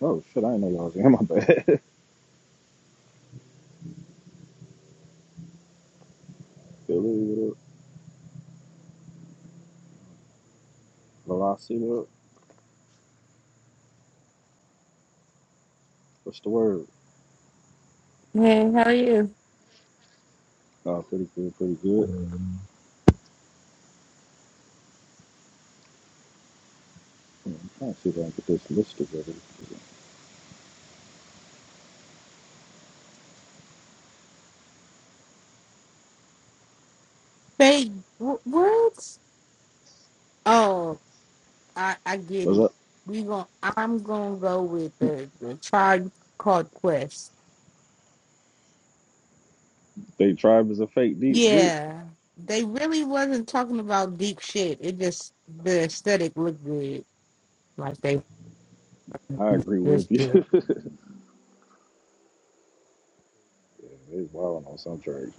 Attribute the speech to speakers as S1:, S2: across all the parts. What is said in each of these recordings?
S1: Oh shit, I didn't know y'all was here. My bad. Philly with it. Velocity with it. What's the word?
S2: Hey, how are you?
S1: Oh, pretty good, pretty good.
S3: Um,
S1: Hmm, I'm trying to see if I can get this list together.
S2: Hey, wh- what? Oh, I I get
S1: What's
S2: it.
S1: up?
S2: We gon' I'm gonna go with the the tribe called Quest.
S1: They tribe is a fake deep group.
S2: Yeah, they really wasn't talking about deep shit. It just the aesthetic looked good, like they
S1: I agree
S2: good
S1: with you.
S2: shit.
S1: yeah, it's wild on some tracks.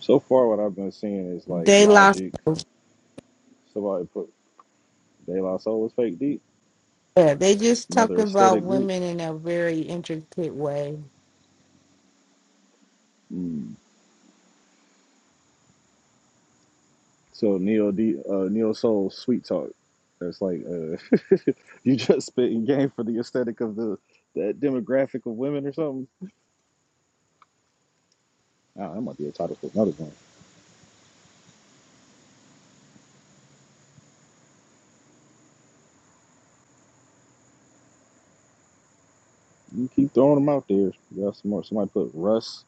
S1: So far, what I've been seeing is like
S2: They lost.
S1: Logic. Somebody put De La Soul is fake deep.
S2: Yeah, they just talked
S1: Another
S2: about
S1: aesthetic group.
S2: women in a very intricate way.
S1: Hmm. So Neo D, uh, Neo Soul Sweet Talk. That's like uh, you just spitting game for the aesthetic of the that demographic of women or something. Ah, that might be a title for another one. You keep throwing them out there. You got some more. Somebody put Russ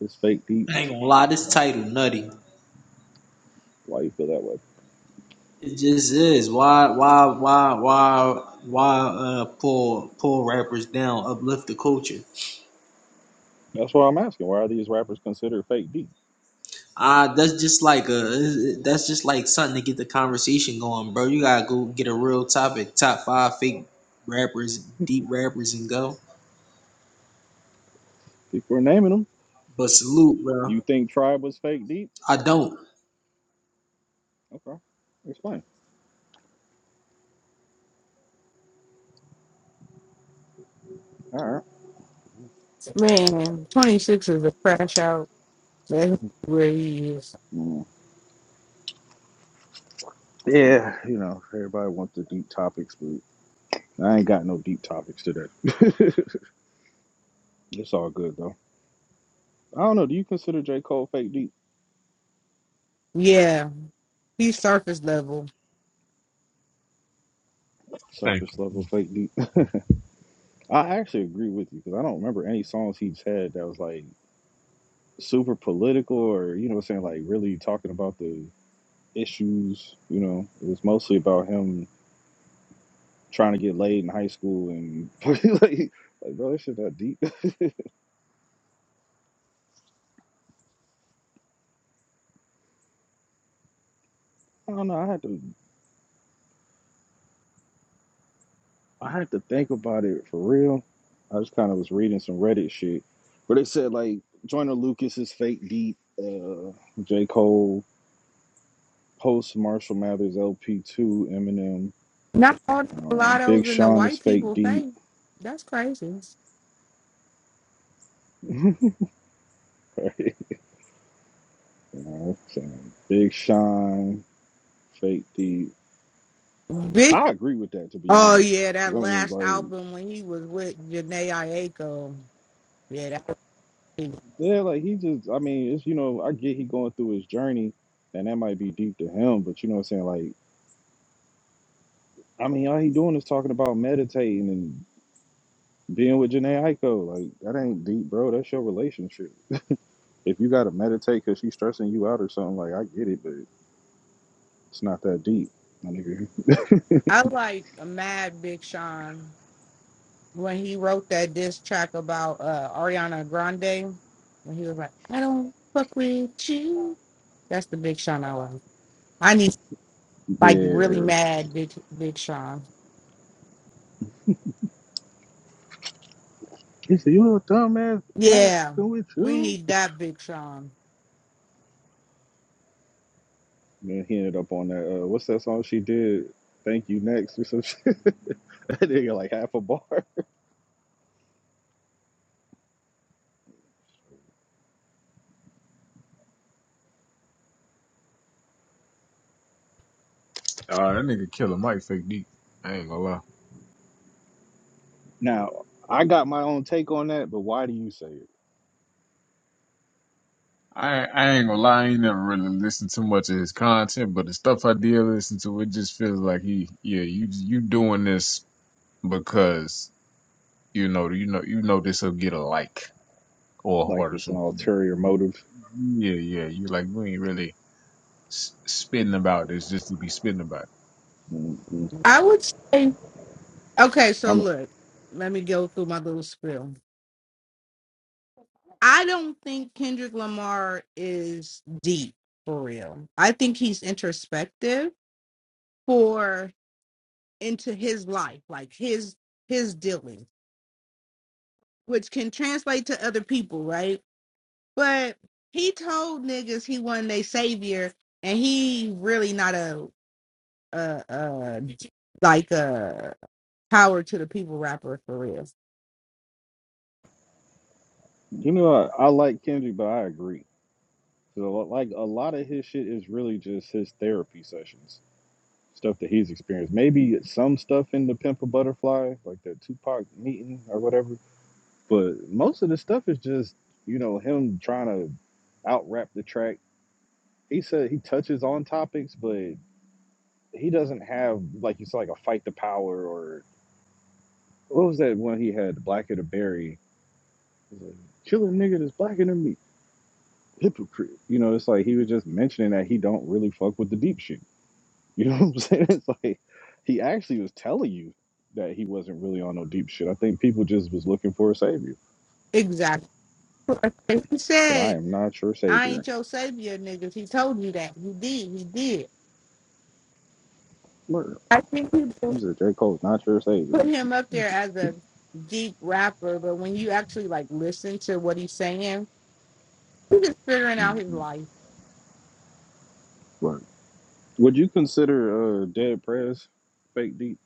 S1: is fake deep.
S4: I ain't gonna lie, this title nutty.
S1: Why you feel that way?
S4: It just is. Why why why why why uh pull pull rappers down, uplift the culture.
S1: That's what I'm asking. Why are these rappers considered fake deep?
S4: Ah, that's just like a that's just like something to get the conversation going, bro. You gotta go get a real topic, top five fake rappers, deep rappers and go.
S1: If we're naming them,
S4: But salute, bro.
S1: you think Tribe was fake deep?
S4: I don't.
S1: Okay, explain. All right.
S2: Man, 26 is a crash out. That's where he is.
S1: Mm. Yeah, you know everybody wants the deep topics, but I ain't got no deep topics today. It's all good though. I don't know. Do you consider J. Cole fake deep?
S2: Yeah, he's surface level.
S3: Thank
S1: Surface level fake deep. I actually agree with you because I don't remember any songs he's had that was like super political or you know what I'm saying like really talking about the issues. You know, it was mostly about him trying to get laid in high school and like, like bro, this shit that deep. I don't know. I had to I had to think about it for real. I just kind of was reading some Reddit shit where they said like Joyner Lucas is fake deep. Uh, J. Cole. post Marshall Mathers LP two Eminem.
S2: Not all the
S1: Um, Big
S2: mulattoes and the
S1: Sean is
S2: white
S1: fake
S2: people
S1: deep.
S2: face. That's crazy.
S1: right? You know, so Big Sean, fake deep.
S2: Big.
S1: I agree with that to be
S2: Oh
S1: honest,
S2: yeah,
S1: because
S2: that
S1: I mean,
S2: last
S1: like,
S2: album when he was with Janae Aiko. Yeah, that. Was big.
S1: yeah, like he just, I mean, it's you know, I get he going through his journey, and that might be deep to him, but you know what I'm saying? Like, I mean, all he doing is talking about meditating and being with Janae Aiko. Like, that ain't deep, bro. That's your relationship. If you gotta meditate because she's stressing you out or something, like I get it, but. It's not that deep, my nigga.
S2: I like Mad Big Sean when he wrote that diss track about uh, Ariana Grande. When he was like, "I don't fuck with you." That's the Big Sean I like. I need like really
S1: Yeah.
S2: mad Big Big Sean.
S1: He said, You little dumbass drunk
S2: Yeah,
S1: fucking with
S2: we
S1: you.
S2: need that Big Sean.
S1: Then he ended up on that. Uh, what's that song she did? Thank you next or some shit. that nigga like half a bar.
S3: you. Uh, that nigga Killer Mike fake deep. I ain't gonna lie.
S1: Now I got my own take on that, but why do you say it?
S3: I, I ain't gonna lie. I ain't never really listened to much of his content, but the stuff I did listen to, it just feels like he, yeah, you you doing this because you know you know you know this will get a like or a
S1: Like
S3: heart or
S1: it's an
S3: something.
S1: ulterior motive.
S3: Yeah, yeah. You like you ain't really s- spitting about this just to be spitting about
S1: hmm
S2: I would say Okay, so
S1: I'm,
S2: look, let me go through my little spiel. I don't think Kendrick Lamar is deep for real. I think he's introspective for into his life, like his his dealing, which can translate to other people, right? But he told niggas he wasn't a savior, and he really not a uh uh like a power to the people rapper for real.
S1: you know, I, I like Kendrick, but I agree. So like a lot of his shit is really just his therapy sessions stuff that he's experienced. Maybe some stuff in the Pimp a Butterfly, like the Tupac meeting or whatever. But most of the stuff is just, you know, him trying to out rap the track. He said he touches on topics, but he doesn't have like you said, like a fight the power or what was that one he had, Black of the Berry? It Like, Kill a nigga that's blacker than me. Hypocrite. You know, it's like he was just mentioning that he don't really fuck with the deep shit You know what I'm saying? It's like he actually was telling you that he wasn't really on no deep shit. I think people just was looking for a savior.
S2: Exactly. He
S1: Said,
S2: said
S1: I am not your
S2: I
S1: savior.
S2: ain't your savior, niggas. He told you that. He did. He did.
S1: Word.
S2: I think people
S1: He said, J. Cole's not your
S2: put
S1: savior.
S2: him up there as a deep rapper, but when you actually like listen to what he's saying, he's just figuring out
S1: hmm
S2: his life.
S1: Word. Would you consider uh, Dead Prez fake deep?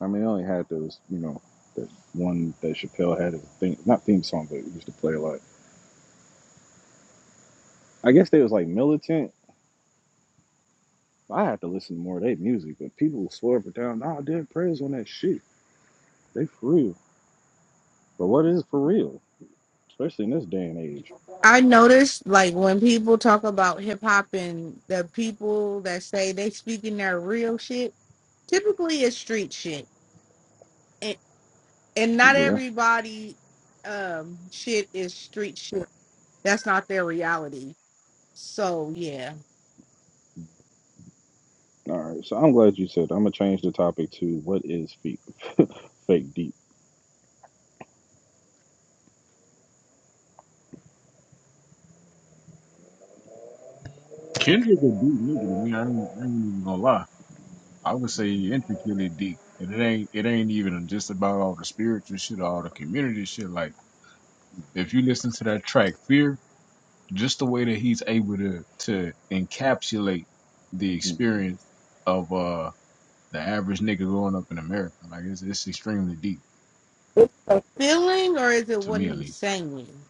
S1: I mean, I only had those, you know, that one that Chappelle had as a thing, not theme song, but it used to play a lot. I guess they was like militant. I had to listen to more of their music, but people swore up and down, nah, Dead Prez on that shit. They for real. But what is for real? especially in this day and age.
S2: I noticed like when people talk about hip hop and the people that say they speaking their real shit, typically it's street shit. And and not
S1: Yeah.
S2: everybody um shit is street shit. That's not their reality. So yeah.
S1: All right, so I'm glad you said. that. I'm gonna change the topic to what is fake, fake deep.
S3: it. Kendrick a deep nigga to me. I ain't, I ain't even gonna lie. I would say intricately deep. And it ain't it ain't even just about all the spiritual shit or all the community shit. Like if you listen to that track Fear, just the way that he's able to to encapsulate the
S1: hmm
S3: experience of uh the average nigga growing up in America. Like it's it's extremely deep
S2: It's a feeling or is it
S3: to
S2: what
S3: me at
S2: he's
S3: least.
S2: saying?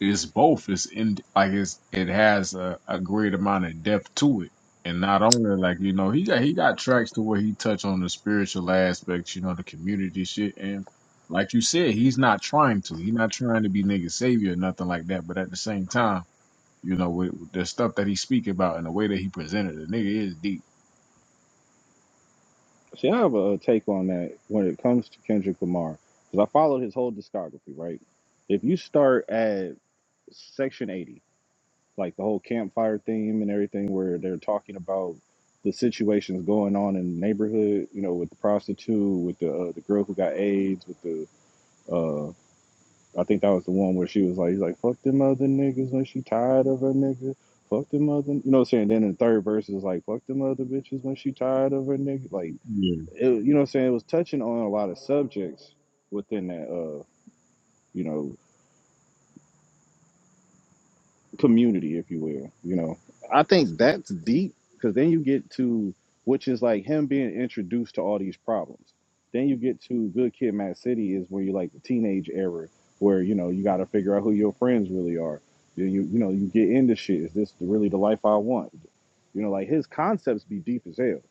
S3: it's both. It's in like it's it has a, a great amount of depth to it, and not only like you know he got he got tracks to where he touched on the spiritual aspects, you know, the community shit, and like you said, he's not trying to. He's not trying to be nigga savior or nothing like that. But at the same time, you know, with, with the stuff that he speak about and the way that he presented it, nigga is deep.
S1: See, I have a take on that when it comes to Kendrick Lamar, because I followed his whole discography. Right, if you start at section 80, like the whole campfire theme and everything, where they're talking about the situations going on in the neighborhood, you know, with the prostitute, with the uh, the girl who got AIDS, with the uh, I think that was the one where she was like, he's like, fuck them other niggas when she tired of her nigga. Fuck them other, you know what I'm saying? Then in the third verse is like, fuck them other bitches when she tired of her nigga. Like,
S3: Yeah.
S1: it, you know what I'm saying? It was touching on a lot of subjects within that, uh, you know, community, if you will. You know, I think that's deep because then you get to which is like him being introduced to all these problems. Then you get to Good Kid, Mad City is where you like the teenage era where you know you got to figure out who your friends really are. You, you you know you get into shit. Is this really the life I want? You know, like his concepts be deep as hell,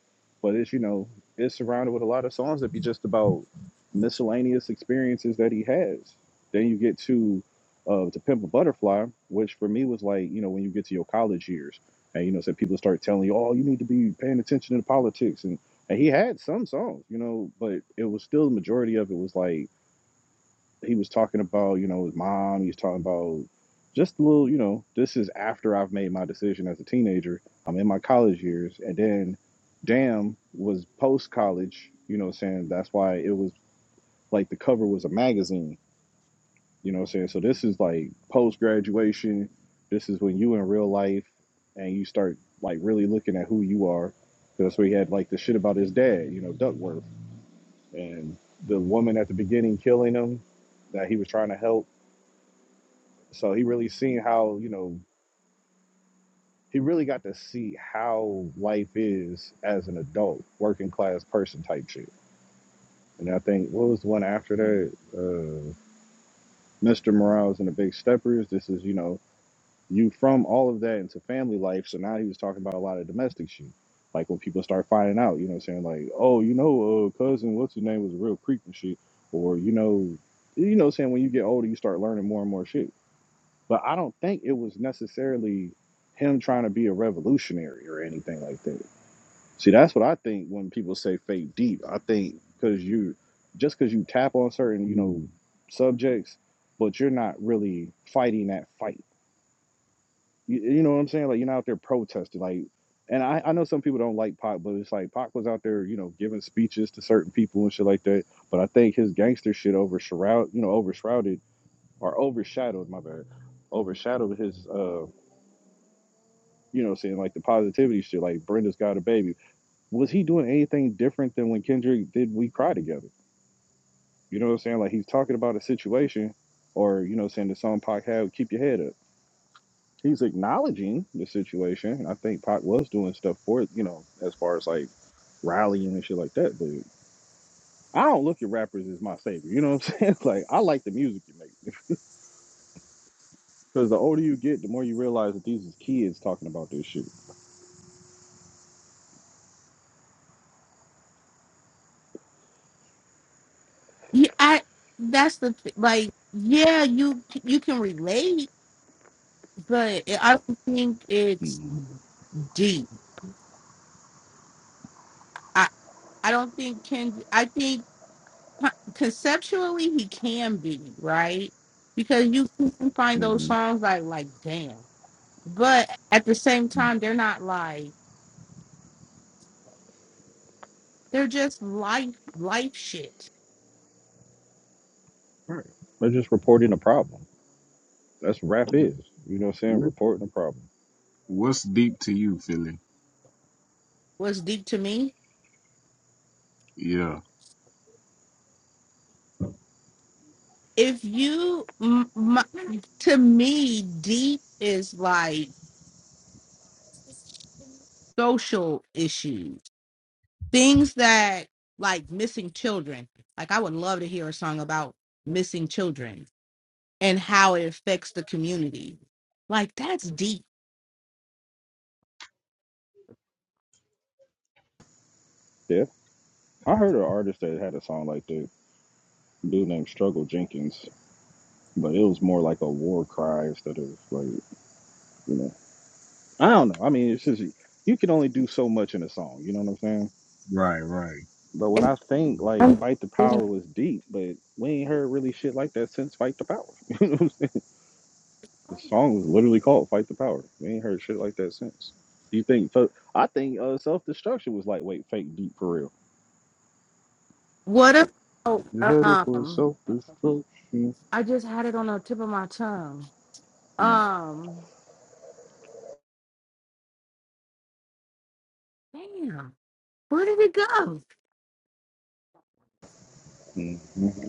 S1: but it's you know it's surrounded with a lot of songs that be just about miscellaneous experiences that he has. Then you get to of To Pimp a Butterfly, which for me was like, you know, when you get to your college years and, you know, so people start telling you, oh, you need to be paying attention to the politics. And, and he had some songs, you know, but it was still the majority of it was like he was talking about, you know, his mom. He was talking about just a little, you know, this is after I've made my decision as a teenager. I'm in my college years. And then Damn was post college, you know, saying that's why it was like the cover was a magazine you know what I'm saying? So this is like post graduation. This is when you in real life and you start like really looking at who you are. That's where he had like the shit about his dad, you know, Duckworth. And the woman at the beginning killing him that he was trying to help. So he really seen how, you know, he really got to see how life is as an adult, working class person type shit. And I think what was the one after that? Uh Mr. Morales and the Big Steppers. This is, you know, you from all of that into family life. So now he was talking about a lot of domestic shit. Like when people start finding out, you know, saying like, oh, you know, uh, cousin, what's his name was a real creep and shit, or you know, you know, saying when you get older, you start learning more and more shit. But I don't think it was necessarily him trying to be a revolutionary or anything like that. See, that's what I think when people say fake deep. I think because you just because you tap on certain, you
S3: yeah.
S1: know, subjects, but you're not really fighting that fight. You, you know what I'm saying? Like you're not out there protesting. Like, and I, I know some people don't like Pac, but it's like Pac was out there, you know, giving speeches to certain people and shit like that. But I think his gangster shit over shroud, you know, overshrouded or overshadowed. My bad, overshadowed his, uh, you know, saying like the positivity shit. Like Brenda's got a baby. Was he doing anything different than when Kendrick did "We Cry Together"? You know what I'm saying? Like he's talking about a situation, or you know, saying the song Pac had, "Keep Your Head Up." he's acknowledging the situation. And I think Pac was doing stuff for it, you know, as far as like rallying and shit like that. But I don't look at rappers as my savior. You know what I'm saying? Like I like the music you make because the older you get, the more you realize that these is kids talking about this shit.
S2: Yeah, I. That's the th- like. Yeah, you you can relate, but it, I don't think it's
S1: hmm
S2: deep. I I don't think can. I think con- conceptually he can be right because you can find those
S1: hmm
S2: songs like like damn, but at the same time they're not like they're just life life shit.
S1: Right. They're just reporting a problem. That's what rap is. You know what I'm saying?
S3: What
S1: Reporting a problem.
S3: what's deep to you, Philly?
S2: What's deep to me?
S3: Yeah.
S2: if you m- my, to me deep is like social issues things that like missing children like i would love to hear a song about missing children and how it affects the community like that's deep
S1: Yeah. I heard an artist that had a song like that. a Dude named Struggle Jenkins, but it was more like a war cry instead of like you know. I don't know. I mean, it's just you can only do so much in a song. You know what I'm saying?
S3: Right. Right.
S1: But when I think like
S2: I'm
S1: "Fight the Power" was deep, but we ain't heard really shit like that since "Fight the Power." You know what I'm saying? The song was literally called "Fight the Power." We ain't heard shit like that since. You think? fo- I think uh, "Self Destruction" was like wait fake deep for real.
S2: What if? Oh,
S1: You heard it for
S2: um,
S1: self destruction.
S2: I just had it on the tip of my tongue.
S1: Mm-hmm.
S2: Um, damn, where did it go?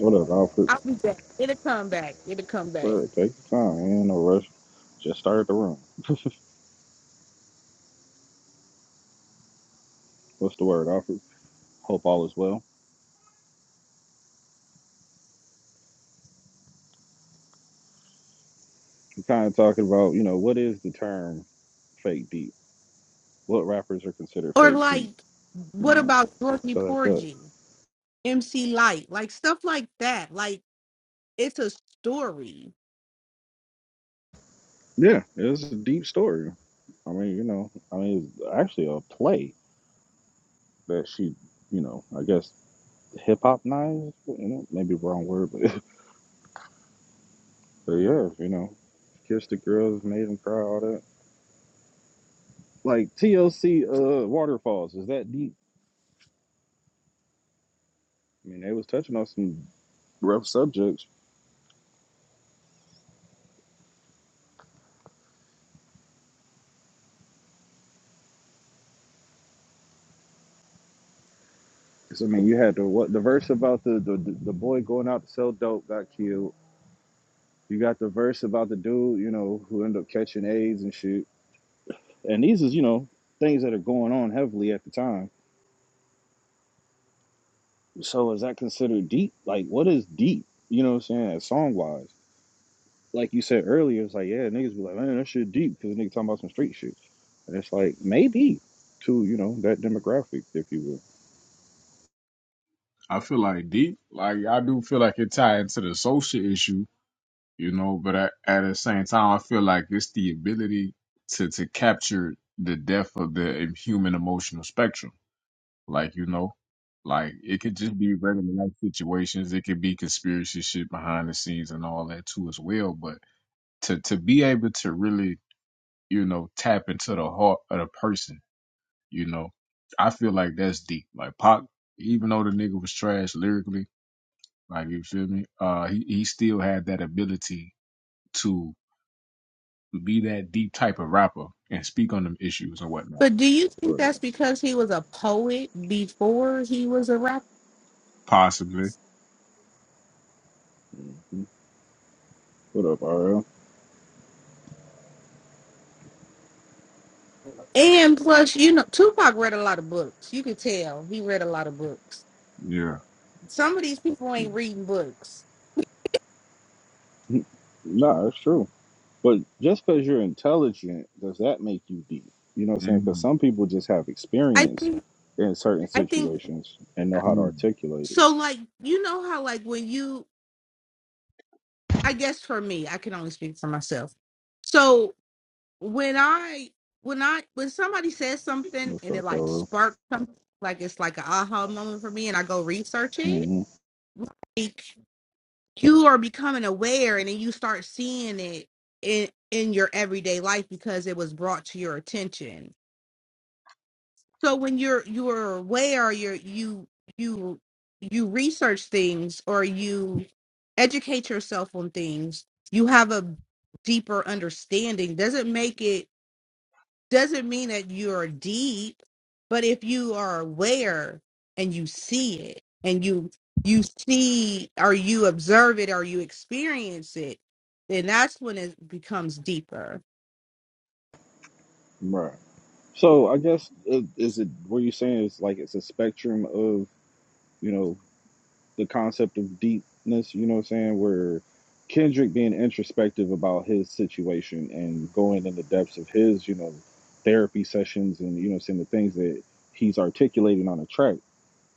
S1: What up, Alfred?
S2: I'll be back. It'll come back. It'll come back.
S1: But take your time. Ain't no rush. Just started the room. What's the word, Alfred? Hope all is well. kind of talking about, you know, what is the term fake deep? What rappers are considered
S2: Or
S1: fake deep?
S2: like,
S1: You
S2: what
S1: know,
S2: about Dorothy
S1: But but
S2: Porgy, MC Light, like stuff like that? Like it's a story.
S1: yeah, it's a deep story. I mean, you know, I mean, it's actually a play that she, you know, I guess hip hop knives, you know, maybe wrong word, but, but yeah, you know, kissed the girls, made them cry, all that. Like TLC, uh, waterfalls is that deep? I mean, they was touching on some rough subjects, 'Cause, I mean, you had the what the verse about the, the the boy going out to sell dope got killed. You got the verse about the dude, you know, who ended up catching AIDS and shit. And these is you know things that are going on heavily at the time. So is that considered deep? Like, what is deep? You know what I'm saying? Song wise, like you said earlier, it's like yeah, niggas be like, man, that shit deep because niggas talking about some street shit. And it's like maybe to you know that demographic, if you will.
S3: I feel like deep. Like I do feel like it tied into the social issue you know. But I, at the same time, I feel like it's the ability to to capture the depth of the human emotional spectrum. Like you know, like it could just be regular life situations. It could be conspiracy shit behind the scenes and all that too as well. But to to be able to really you know tap into the heart of the person, you know, I feel like that's deep. Like Pac, even though the nigga was trash lyrically. Like you feel me? Uh, he he still had that ability to be that deep type of rapper and speak on them issues or whatnot.
S2: But do you think that's
S1: But,
S2: because he was a poet before he was a rapper?
S3: Possibly.
S1: mhm. what up, RL?
S2: And plus, you know, Tupac read a lot of books. You could tell he read a lot of books.
S3: Yeah.
S2: Some of these people ain't reading books.
S1: nah, it's true. But just because you're intelligent, does that make you deep? You know what I'm saying? Because
S3: mm
S1: some people just have
S2: I
S1: experience
S2: think
S1: in certain
S2: I think
S1: situations and know
S2: uh,
S1: how to
S3: mm.
S1: articulate it.
S2: so. Like you know how like when you, I guess for me, I can only speak for myself. So when I when I when somebody says something
S1: What's
S2: and it
S1: up,
S2: like
S1: Hello?
S2: sparks something, like it's like an aha moment for me, and I go research it.
S1: hmm
S2: Like you are becoming aware, and then you start seeing it in in your everyday life because it was brought to your attention. So when you're you're aware, you're you you you research things or you educate yourself on things, you have a deeper understanding. Doesn't make it doesn't mean that you're deep, but if you are aware and you see it and you you see or you observe it or you experience it, then that's when it becomes deeper.
S1: Right. So I guess uh, is it what you saying is like it's a spectrum of you know the concept of deepness. You know what I'm saying? Where Kendrick being introspective about his situation and going in the depths of his you know therapy sessions and you know what I'm saying the things that he's articulating on a track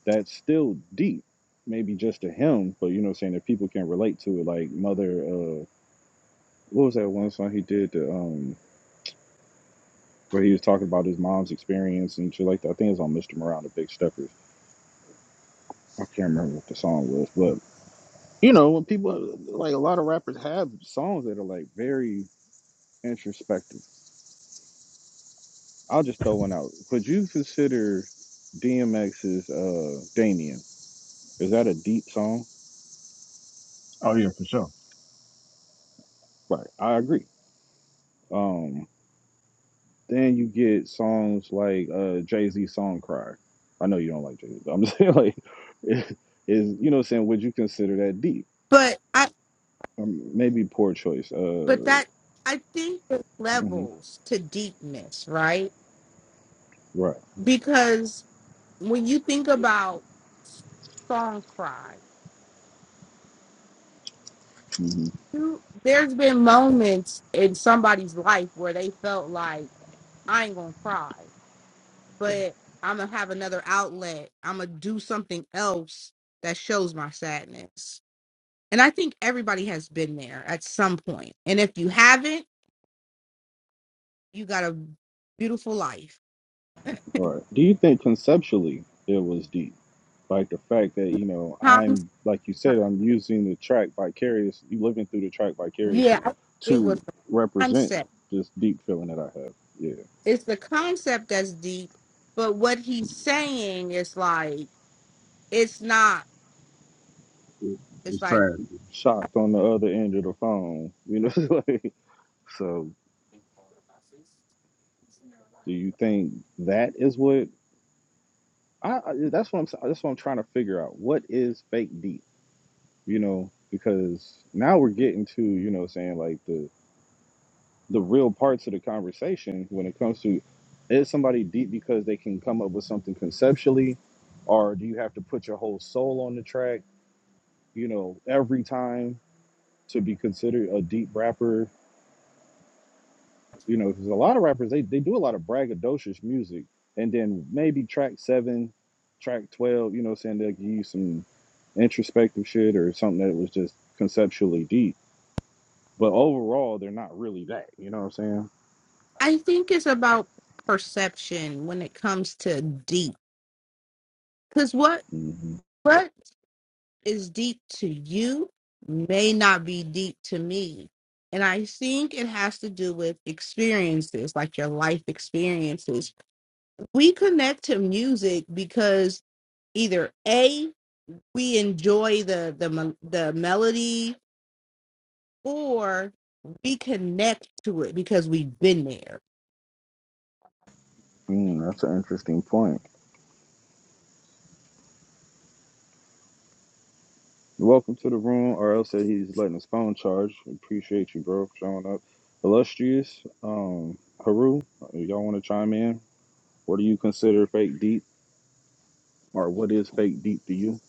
S1: that's still deep, maybe just to him, but you know, what I'm saying that people can relate to it. Like Mother, uh, what was that one song he did to, um, where he was talking about his mom's experience and shit like that? I think it was on Mr. Morale and the Big Steppers. I can't remember what the song was, but you know, when people like a lot of rappers have songs that are like very introspective. I'll just throw one out. Would you consider DMX's uh Damien? Is that a deep song?
S3: Oh yeah, for sure.
S1: Right, I agree. Um Then you get songs like uh Jay Z's song Cry. I know you don't like Jay Z, but I'm just saying like is it, you know what I'm saying, would you consider that deep?
S2: But I,
S1: Um, maybe poor choice.
S2: But
S1: Uh
S2: that I think there's
S1: mhm,
S2: levels to deepness, right?
S1: right.
S2: Because when you think about song cry,
S1: mhm,
S2: you, there's been moments in somebody's life where they felt like I ain't gonna cry, but I'm gonna have another outlet. I'm gonna do something else that shows my sadness. And I think everybody has been there at some point. And if you haven't, you got a beautiful life.
S1: right. Do you think conceptually it was deep? Like the fact that, you know,
S2: Tom's-
S1: I'm like you said, I'm using the track vicariously. you living through the track
S2: Yeah,
S1: vicariously
S2: I- it was
S1: to
S2: the
S1: represent
S2: concept
S1: this deep feeling that I have. Yeah.
S2: it's the concept that's deep, but what he's saying is like it's not.
S3: It-
S2: It's
S3: It's
S2: like
S3: trash.
S1: Shocked on the other end of the phone. You know, like so Do you think that is what I, I that's what I'm that's what I'm trying to figure out. What is fake deep? You know, because now we're getting to, you know, saying like the the real parts of the conversation when it comes to is somebody deep because they can come up with something conceptually or do you have to put your whole soul on the track, you know, every time to be considered a deep rapper you know, because a lot of rappers they, they do a lot of braggadocious music, and then maybe track seven, track twelve, you know, saying they'll give you some introspective shit or something that was just conceptually deep, but overall they're not really that. You know what I'm saying?
S2: I think it's about perception when it comes to deep, because what
S1: hmm
S2: what is deep to you may not be deep to me, and I think it has to do with experiences, like your life experiences. We connect to music because either a we enjoy the the the melody or we connect to it because we've been there.
S1: Mm, that's an interesting point. Welcome to the room. RL said he's letting his phone charge. Appreciate you, bro, for showing up. Illustrious, um, Haru, y'all want to chime in? What do you consider fake deep, or what is fake deep to you?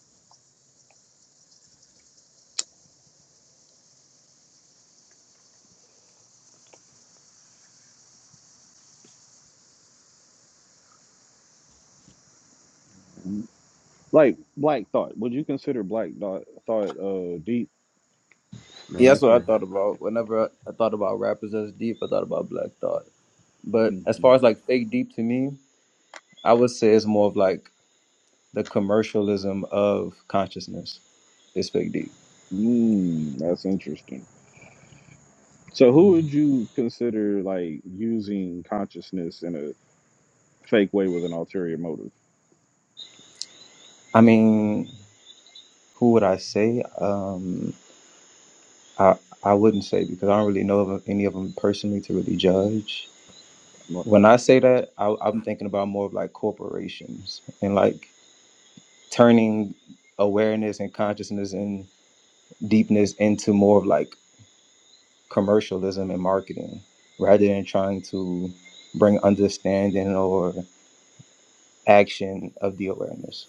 S1: Like Black Thought. Would you consider Black Thought Thought uh deep?
S3: No,
S5: Yeah, that's
S3: that's
S5: what I
S3: a
S5: thought about. Whenever I I thought about rappers as deep, I thought about Black Thought. But as
S1: Mm-hmm.
S5: far as like fake deep to me, I would say it's more of like the commercialism of consciousness is fake deep.
S1: Mm, that's interesting. So who would you consider like using consciousness in a fake way with an ulterior motive?
S5: I mean, who would I say? Um, I I wouldn't say because I don't really know of any of them personally to really judge.
S1: Right.
S5: When I say that, I, I'm thinking about more of like corporations and like turning awareness and consciousness and deepness into more of like commercialism and marketing rather than trying to bring understanding or action of the awareness.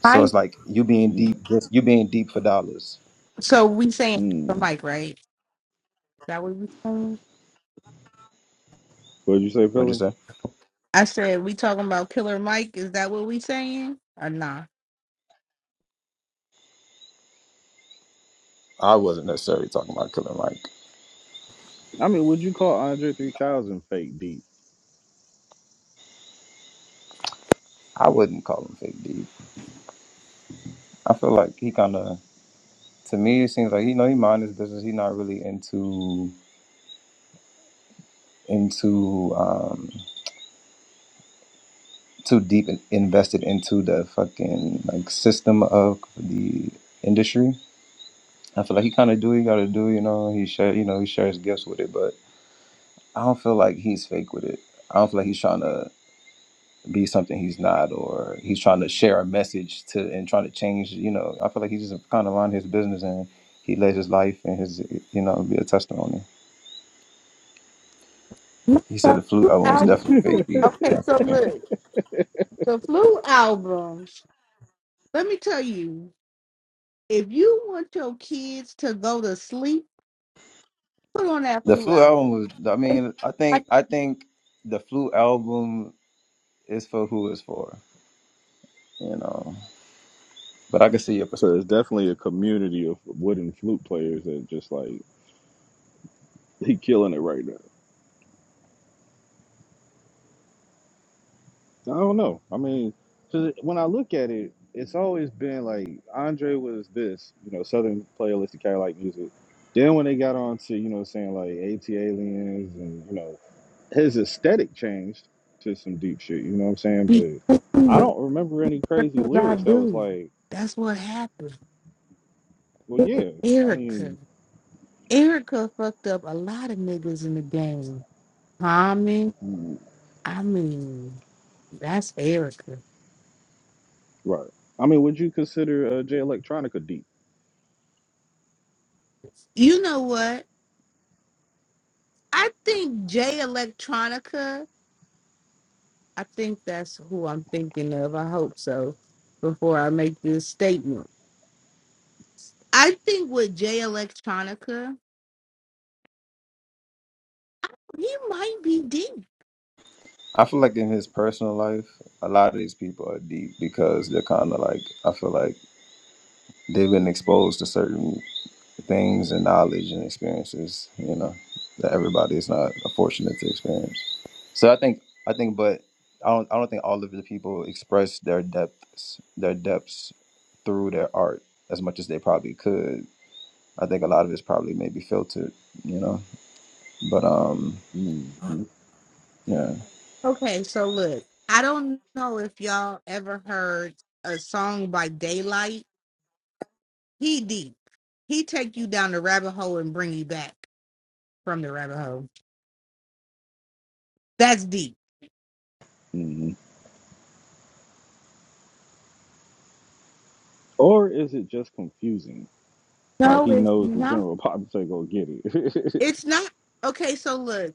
S5: So it's
S2: Right.
S5: like you being
S1: Mm,
S5: deep, just you being deep for dollars.
S2: So we saying Killer
S1: mm.
S2: Mike, right? Is that what we saying?
S1: What'd you say,
S5: What'd you
S1: Philly?
S5: say?
S2: I said we talking about Killer Mike. Is that what we saying or nah?
S5: I wasn't necessarily talking about Killer Mike.
S1: I mean, would you call Andre 3000 fake deep?
S5: I wouldn't call him fake deep. I feel like he kind of, to me, it seems like you know he mind his business. He's not really into into um too deep in, invested into the fucking like system of the industry I feel like he kind of do what he got to do, you know. He share, you know, he shares gifts with it, but I don't feel like he's fake with it. I don't feel like he's trying to be something he's not, or he's trying to share a message to and trying to change. You know, I feel like he's just kind of on his business and he lives his life and his, you know, be a testimony.
S2: No,
S5: He said
S2: the
S5: the
S2: Flu
S5: flute album was
S2: album
S5: definitely
S2: too.
S5: fake deep.
S2: Okay,
S5: That's
S2: so
S5: funny.
S2: look, the flu album. Let me tell you, if you want your kids to go to sleep, put on that
S5: The
S2: flu
S5: flute album
S2: album.
S5: was. I
S2: They-
S5: mean, I
S2: I-
S5: think I think the flute album is for who it's for, you know. But I can see your perspective.
S1: So there's definitely a community of wooden flute players that just like he killing it right now. I don't know. I mean, 'cause when I look at it, it's always been like Andre was this, you know, Southern playlist of Cadillac music. Then when they got on to, you know, saying like AT aliens and, you know, his aesthetic changed to some deep shit, you know what I'm saying? But I don't remember any
S2: What
S1: crazy
S2: did I
S1: lyrics that was
S2: do?
S1: like,
S2: That's what happened.
S1: well,
S2: It was
S1: yeah, I
S2: Erica.
S1: mean,
S2: Erica fucked up a lot of niggas in the game. Tommy,
S1: mm,
S2: I mean, that's Erica.
S1: right. I mean, would you consider uh, J Electronica deep?
S2: You know what? I think Jay Electronica, I think that's who I'm thinking of. I hope so before I make this statement. I think with Jay Electronica, he might be deep.
S5: I feel like in his personal life, a lot of these people are deep because they're kind of like I feel like they've been exposed to certain things and knowledge and experiences, you know, that everybody is not fortunate to experience. So I think I think, but I don't I don't think all of the people express their depths their depths through their art as much as they probably could. I think a lot of it's probably maybe filtered, you know, but um.
S1: hmm
S5: Yeah.
S2: Okay, so look, I don't know if y'all ever heard a song by Daylight He deep. He take you down the rabbit hole and bring you back from the rabbit hole. That's deep.
S1: hmm Or is it just confusing? Like
S2: No,
S1: he
S2: it's
S1: knows the
S2: not.
S1: general populace ain't gonna get it.
S2: It's not. Okay, so look,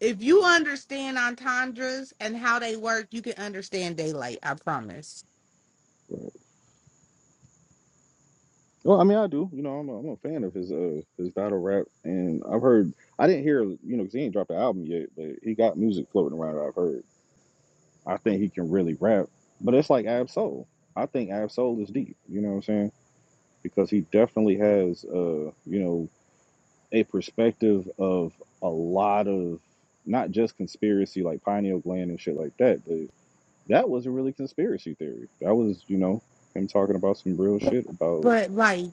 S2: if you understand entendres and how they work, you can understand daylight. I promise.
S1: Right. Well, I mean, I do. You know, I'm a, I'm a fan of his uh his battle rap, and I've heard. I didn't hear you know, because he ain't dropped the album yet, but he got music floating around. I've heard. I think he can really rap, but it's like Ab Soul. I think Ab Soul is deep. You know what I'm saying? Because he definitely has uh you know a perspective of a lot of not just conspiracy like pineal gland and shit like that, but. That wasn't really conspiracy theory. That was, you know, him talking about some real shit about
S2: But like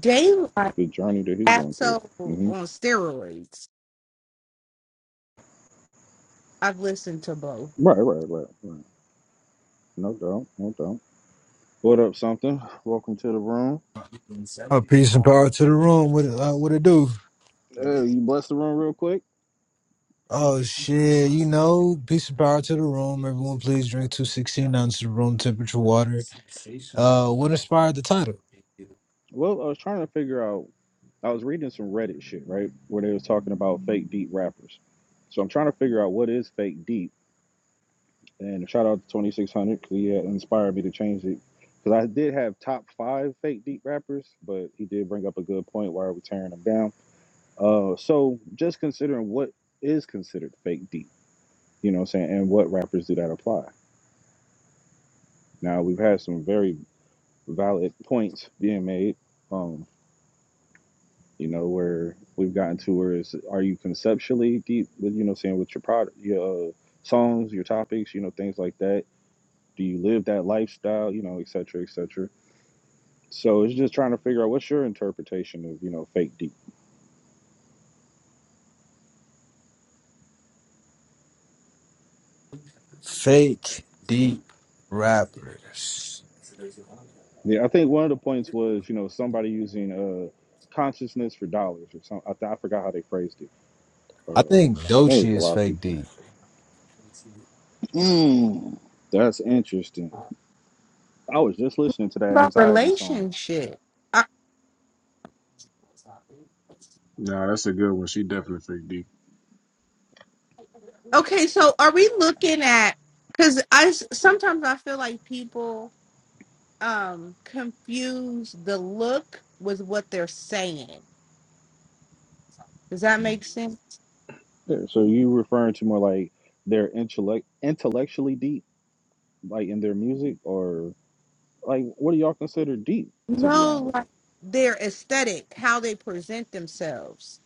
S2: daylight,
S1: the journey that he's going through.
S2: so
S1: hmm
S2: on steroids. I've listened to both
S1: Right, right, right, right. No doubt, no doubt. What up, something? Welcome to the room.
S6: Uh, peace and power to the room. What it, uh, what it do?
S1: Hey, you bless the room real quick.
S6: Oh shit, you know, peace and power to the room. Everyone, please drink two sixteen ounces of room temperature water. Uh, what inspired the title?
S1: Well, I was trying to figure out. I was reading some Reddit shit, right, where they was talking about fake deep rappers. So I'm trying to figure out what is fake deep And shout out to 2600 because he had inspired me to change it. Because I did have top five fake deep rappers, but he did bring up a good point. Why are we tearing them down? Uh, so just considering what is considered fake deep, you know what I'm saying? And what rappers do that apply? Now, we've had some very valid points being made, um, you know, where we've gotten to where is are you conceptually deep with, you know what I'm saying, with your product, your uh, songs, your topics, you know, things like that? Do you live that lifestyle, you know, et cetera, et cetera? So it's just trying to figure out what's your interpretation of you know fake deep.
S6: Fake deep rappers.
S1: Yeah, I think one of the points was you know somebody using uh consciousness for dollars or something. I, th- I forgot how they phrased it. Uh,
S6: I think
S1: I think it was
S6: Dochi is
S1: velocity.
S6: fake
S1: Peak.
S6: deep.
S1: Mm. That's interesting. I was just listening to that
S2: about
S1: anxiety song.
S2: relationship. I-
S3: no, that's a good one. She definitely fake deep.
S2: okay, so are we looking at? Because I s- sometimes I feel like people um confuse the look with what they're saying. Does that make sense?
S1: Yeah, so you referring to more like they're intellect intellectually deep, like in their music, or like what do y'all consider deep? To be
S2: No,
S1: honest.
S2: like their aesthetic, how they present themselves.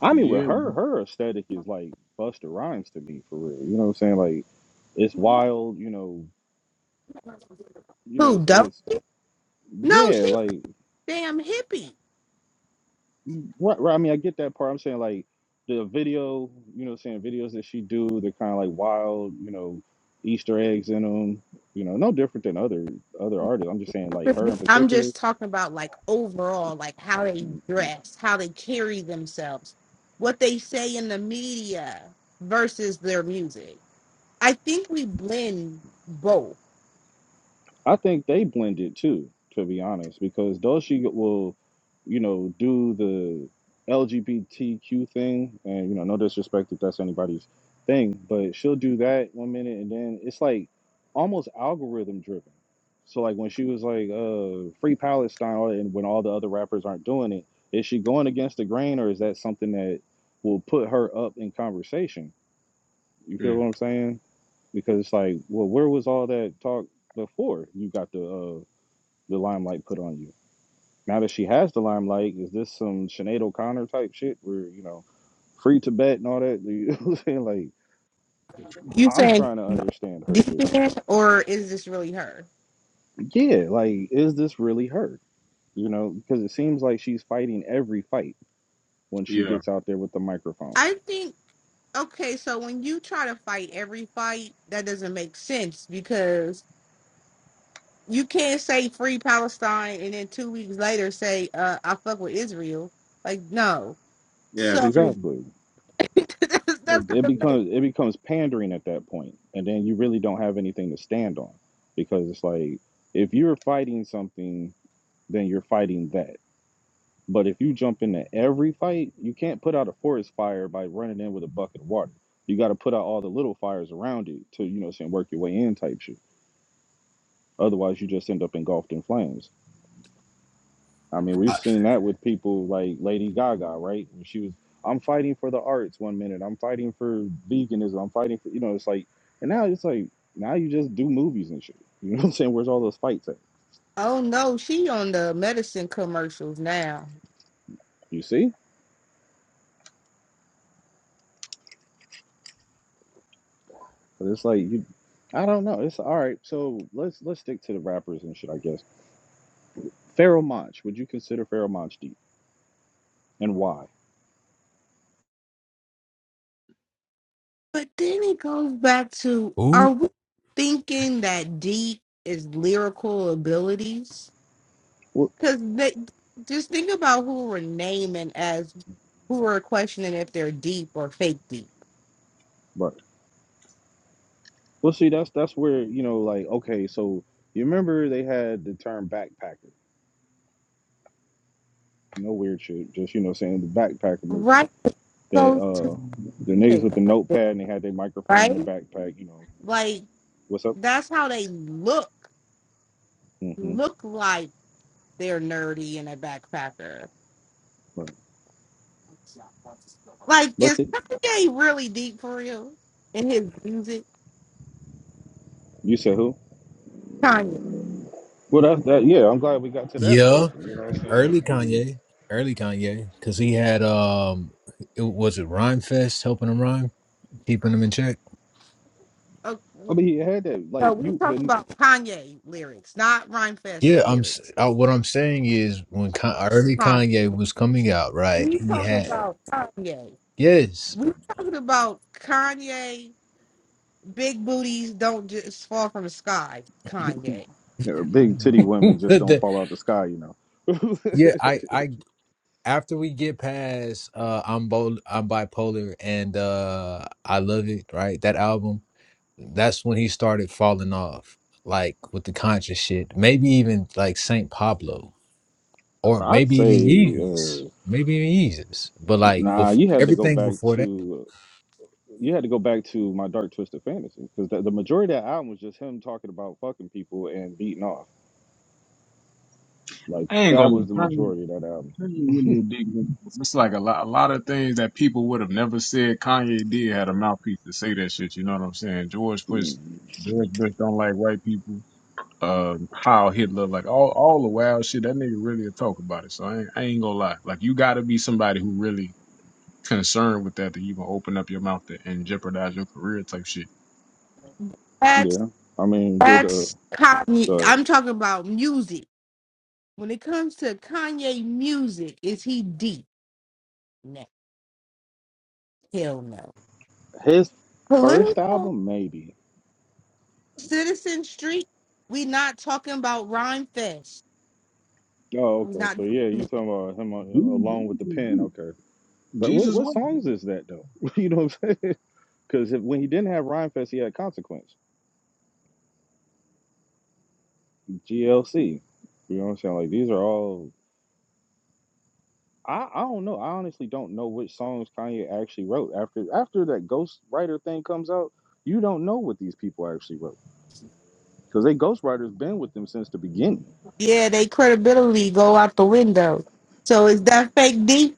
S1: I mean, with
S3: Yeah.
S1: her, her aesthetic is like Busta Rhymes to me, for real. You know what I'm saying? Like, it's wild. You know,
S2: Who
S1: you know, it's,
S2: don't?
S1: it's
S2: No,
S1: yeah,
S2: she's a
S1: like
S2: damn hippie.
S1: right, right. I mean, I get that part. I'm saying like the video. You know, what I'm saying videos that she do, they're kind of like wild. You know, Easter eggs in them. You know, no different than other other artists. I'm just saying like her in
S2: I'm
S1: particular.
S2: just talking about like overall, like how they dress, how they carry themselves, what they say in the media versus their music. I think we blend both.
S1: I think they blend it too, to be honest, because Dolce will, you know, do the LGBTQ thing, and you know, no disrespect if that's anybody's thing, but she'll do that one minute, and then it's like almost algorithm driven. So like when she was like, uh, "Free Palestine," all that, and when all the other rappers aren't doing it, is she going against the grain, or is that something that will put her up in conversation? You feel what
S3: mm.
S1: I'm saying? Because it's like, well, where was all that talk before you got the uh, the limelight put on you? Now that she has the limelight, is this some Sinead O'Connor type shit where you know, free Tibet and all that? You know what I'm saying? Like,
S2: You
S1: I'm
S2: saying
S1: trying to understand her
S2: this
S1: shit.
S2: band or is this really her?
S1: Yeah, like, is this really her? You know, because it seems like she's fighting every fight when she
S3: Yeah.
S1: gets out there with the microphone.
S2: I think okay, so when you try to fight every fight, that doesn't make sense because you can't say free Palestine and then two weeks later say uh, I fuck with Israel. Like no,
S3: Yeah, it's
S2: so
S3: fake deep.
S1: Exactly.
S2: that's, that's
S3: Fake deep.
S1: it
S2: kind
S3: Fake
S2: of fake.
S3: deep.
S1: becomes it becomes pandering at that point and then you really don't have anything to stand on because it's like if you're fighting something then you're fighting that but if you jump into every fight you can't put out a forest fire by running in with a bucket of water you got to put out all the little fires around it to you know what I'm saying work your way in type shit otherwise you just end up engulfed in flames I mean,
S6: I,
S1: we've seen that with people like Lady Gaga, right? When she was, I'm fighting for the arts one minute, I'm fighting for veganism, I'm fighting for, you know, it's like, and now it's like, now you just do movies and shit. You know what I'm saying? Where's all those fights at?
S2: Oh no, she on the medicine commercials now.
S1: You see? But it's like, you, I don't know. It's all right. So let's let's stick to the rappers and shit, I guess. Pharaoh Monch, would you consider Pharaoh Monch deep, and why?
S2: But then it goes back to are
S6: Ooh,
S2: we thinking that deep is lyrical abilities?
S1: Well,
S2: Because they just think about who we're naming as who we're questioning if they're deep or fake deep.
S1: right. Well, see, that's that's where you know, like, okay, so you remember they had the term backpacker. No weird shit, just you know, saying the backpacker movement
S2: Right It
S1: that
S2: goes to
S1: uh the niggas
S2: fake,
S1: with the notepad and they had their microphone in the
S2: right?
S1: backpack. You know,
S2: Like
S1: what's up?
S2: that's how they look.
S1: Mm-hmm.
S2: Look like they're nerdy and a backpacker.
S1: Right.
S2: Like is
S1: Busted.
S2: Kanye really deep for real in his music?
S1: You said who?
S2: Kanye.
S1: Well, that's that. Yeah, I'm glad we got to that
S6: yeah,
S1: person. You know what I'm saying?
S6: early
S1: I mean,
S6: Kanye, early Kanye, because he had um, it, was it Rhyme Fest helping him rhyme, keeping him in check.
S2: Okay.
S1: I mean, he had that.
S2: So
S1: Like
S2: we
S1: you,
S2: talking
S1: the
S2: about Kanye lyrics, not Rhymefest
S6: Yeah, I'm. s-
S2: lyrics.
S6: I, what I'm saying is, when Con- early
S2: Kanye.
S6: Kanye was coming out, right?
S2: We
S6: He
S2: talk
S6: had
S2: about Kanye.
S6: yes,
S2: We talking about Kanye, big booties don't just fall from the sky. Kanye.
S1: the big titty women just don't
S6: The-
S1: fall out the sky. You know.
S6: yeah. I, I, after we get past, uh, I'm bol- I'm bipolar, and uh, I love it. Right, that album. That's when he started falling off, like with the conscious shit. Maybe even like Saint Pablo, or
S1: I'd
S6: maybe even
S1: say,
S6: Yeezus.
S1: uh,
S6: Maybe even Yeezus. But like
S1: nah.
S6: before
S1: You had to go
S6: everything
S1: back
S6: before that,
S1: to. You had to go back to my dark twisted fantasy because the, the majority of that album was just him talking about fucking people and beating off. Like
S3: I ain't
S1: that
S3: gonna lie.
S1: was the
S3: Kanye,
S1: majority of that album.
S3: Kanye really a big one. It's like a lot a lot of things that people would have never said Kanye did had a mouthpiece to say that shit, you know what I'm saying? George pushed George Bush don't like white people. um, Heil Hitler, like all all the wild shit. That nigga really a talk about it. So I ain't, I ain't gonna lie. Like you got to be somebody who really concerned with that that you gonna open up your mouth to, and jeopardize your career type shit.
S2: That's
S1: Yeah. I mean, did uh
S2: that's Kanye.
S1: the
S2: I'm talking about music. When it comes to Kanye music, is he deep? No, hell no.
S1: his first
S2: Political
S1: album maybe.
S2: Citizen Street. We not talking about Rhyme Fest.
S1: Oh,
S2: We
S1: okay.
S2: not.
S1: So yeah, you talking about him uh, along with the pen? Okay. But what
S3: Jesus,
S1: what
S3: what?
S1: songs is that though? you know what I'm saying? Because when he didn't have Rhyme Fest, he had Consequence, GLC. You know what I'm saying? Like these are all. I, I don't know. I honestly don't know which songs Kanye actually wrote after after that ghostwriter thing comes out. You don't know what these people actually wrote because they ghostwriters been with them since the beginning.
S2: Yeah, they credibility go out the window. So is that fake deep?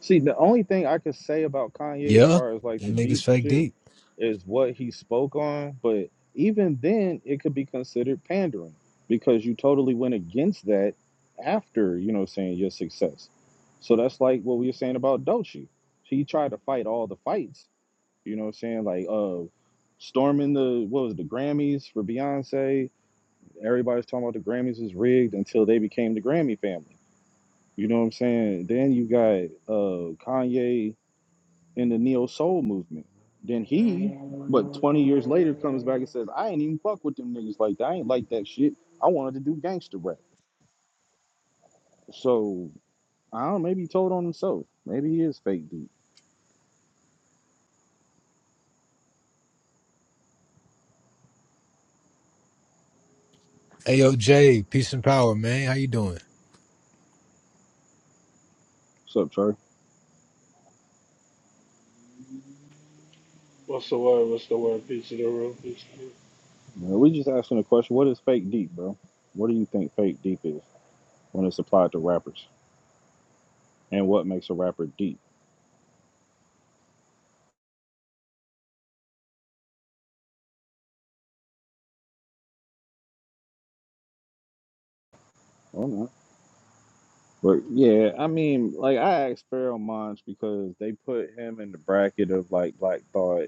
S1: See, the only thing I could say about Kanye as
S6: yeah,
S1: far as like the
S6: them niggas
S1: deep
S6: fake
S1: shit
S6: deep.
S1: is what he spoke on, but even then it could be considered pandering because you totally went against that after, you know, what I'm saying your success. So that's like what we were saying about Dolce. He tried to fight all the fights, you know what I'm saying? Like uh storming the what was it, the Grammys for Beyonce. Everybody's talking about the Grammys is rigged until they became the Grammy family. You know what I'm saying? Then you got uh Kanye in the neo soul movement. Then he, but 20 years later, comes back and says, I ain't even fuck with them niggas like that. I ain't like that shit. I wanted to do gangster rap. So I don't know, maybe he told on himself. Maybe he is fake deep.
S6: Hey yo, Jay, peace and power, man. How you doing?
S1: What's up, Trey?
S7: What's the word? What's the word? Peace to the room. Peace to the room.
S1: You know, we just asking the question, what is fake deep, bro? What do you think fake deep is when it's applied to rappers? And what makes a rapper deep? I don't know. But yeah, I mean, like I asked Pharaoh Monch because they put him in the bracket of like Black Thought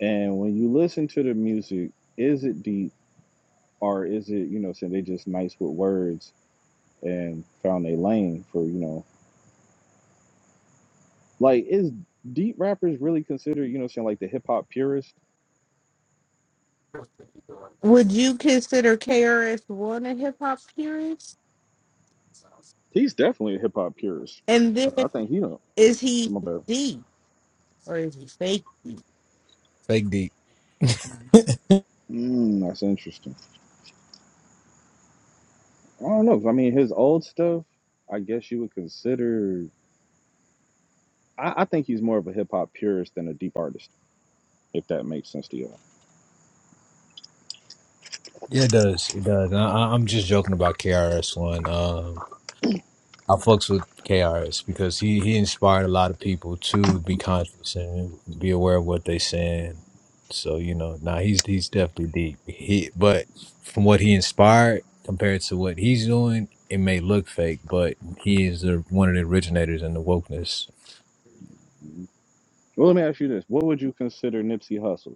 S1: And when you listen to the music, is it deep or is it, you know, saying they just nice with words and found a lane for, you know, like is deep rappers really considered, you know, saying like the hip hop purist?
S2: Would you consider KRS One a hip hop purist?
S1: He's definitely a hip hop purist.
S2: And then
S1: I think he don't.
S2: Is he
S1: My bad.
S2: deep or is he fake?
S6: Fake deep.
S1: Mm, that's interesting. I don't know. I mean, his old stuff, I guess you would consider. I, I think he's more of a hip hop purist than a deep artist, if that makes sense to you.
S6: Yeah, it does. It does. And I, I- I'm just joking about KRS One. Um, I fucks with KRS because he he inspired a lot of people to be conscious and be aware of what they saying. So you know, now nah, he's he's definitely deep. He but from what he inspired compared to what he's doing, it may look fake, but he is the, one of the originators in the wokeness
S1: all Well, let me ask you this: What would you consider Nipsey Hussle?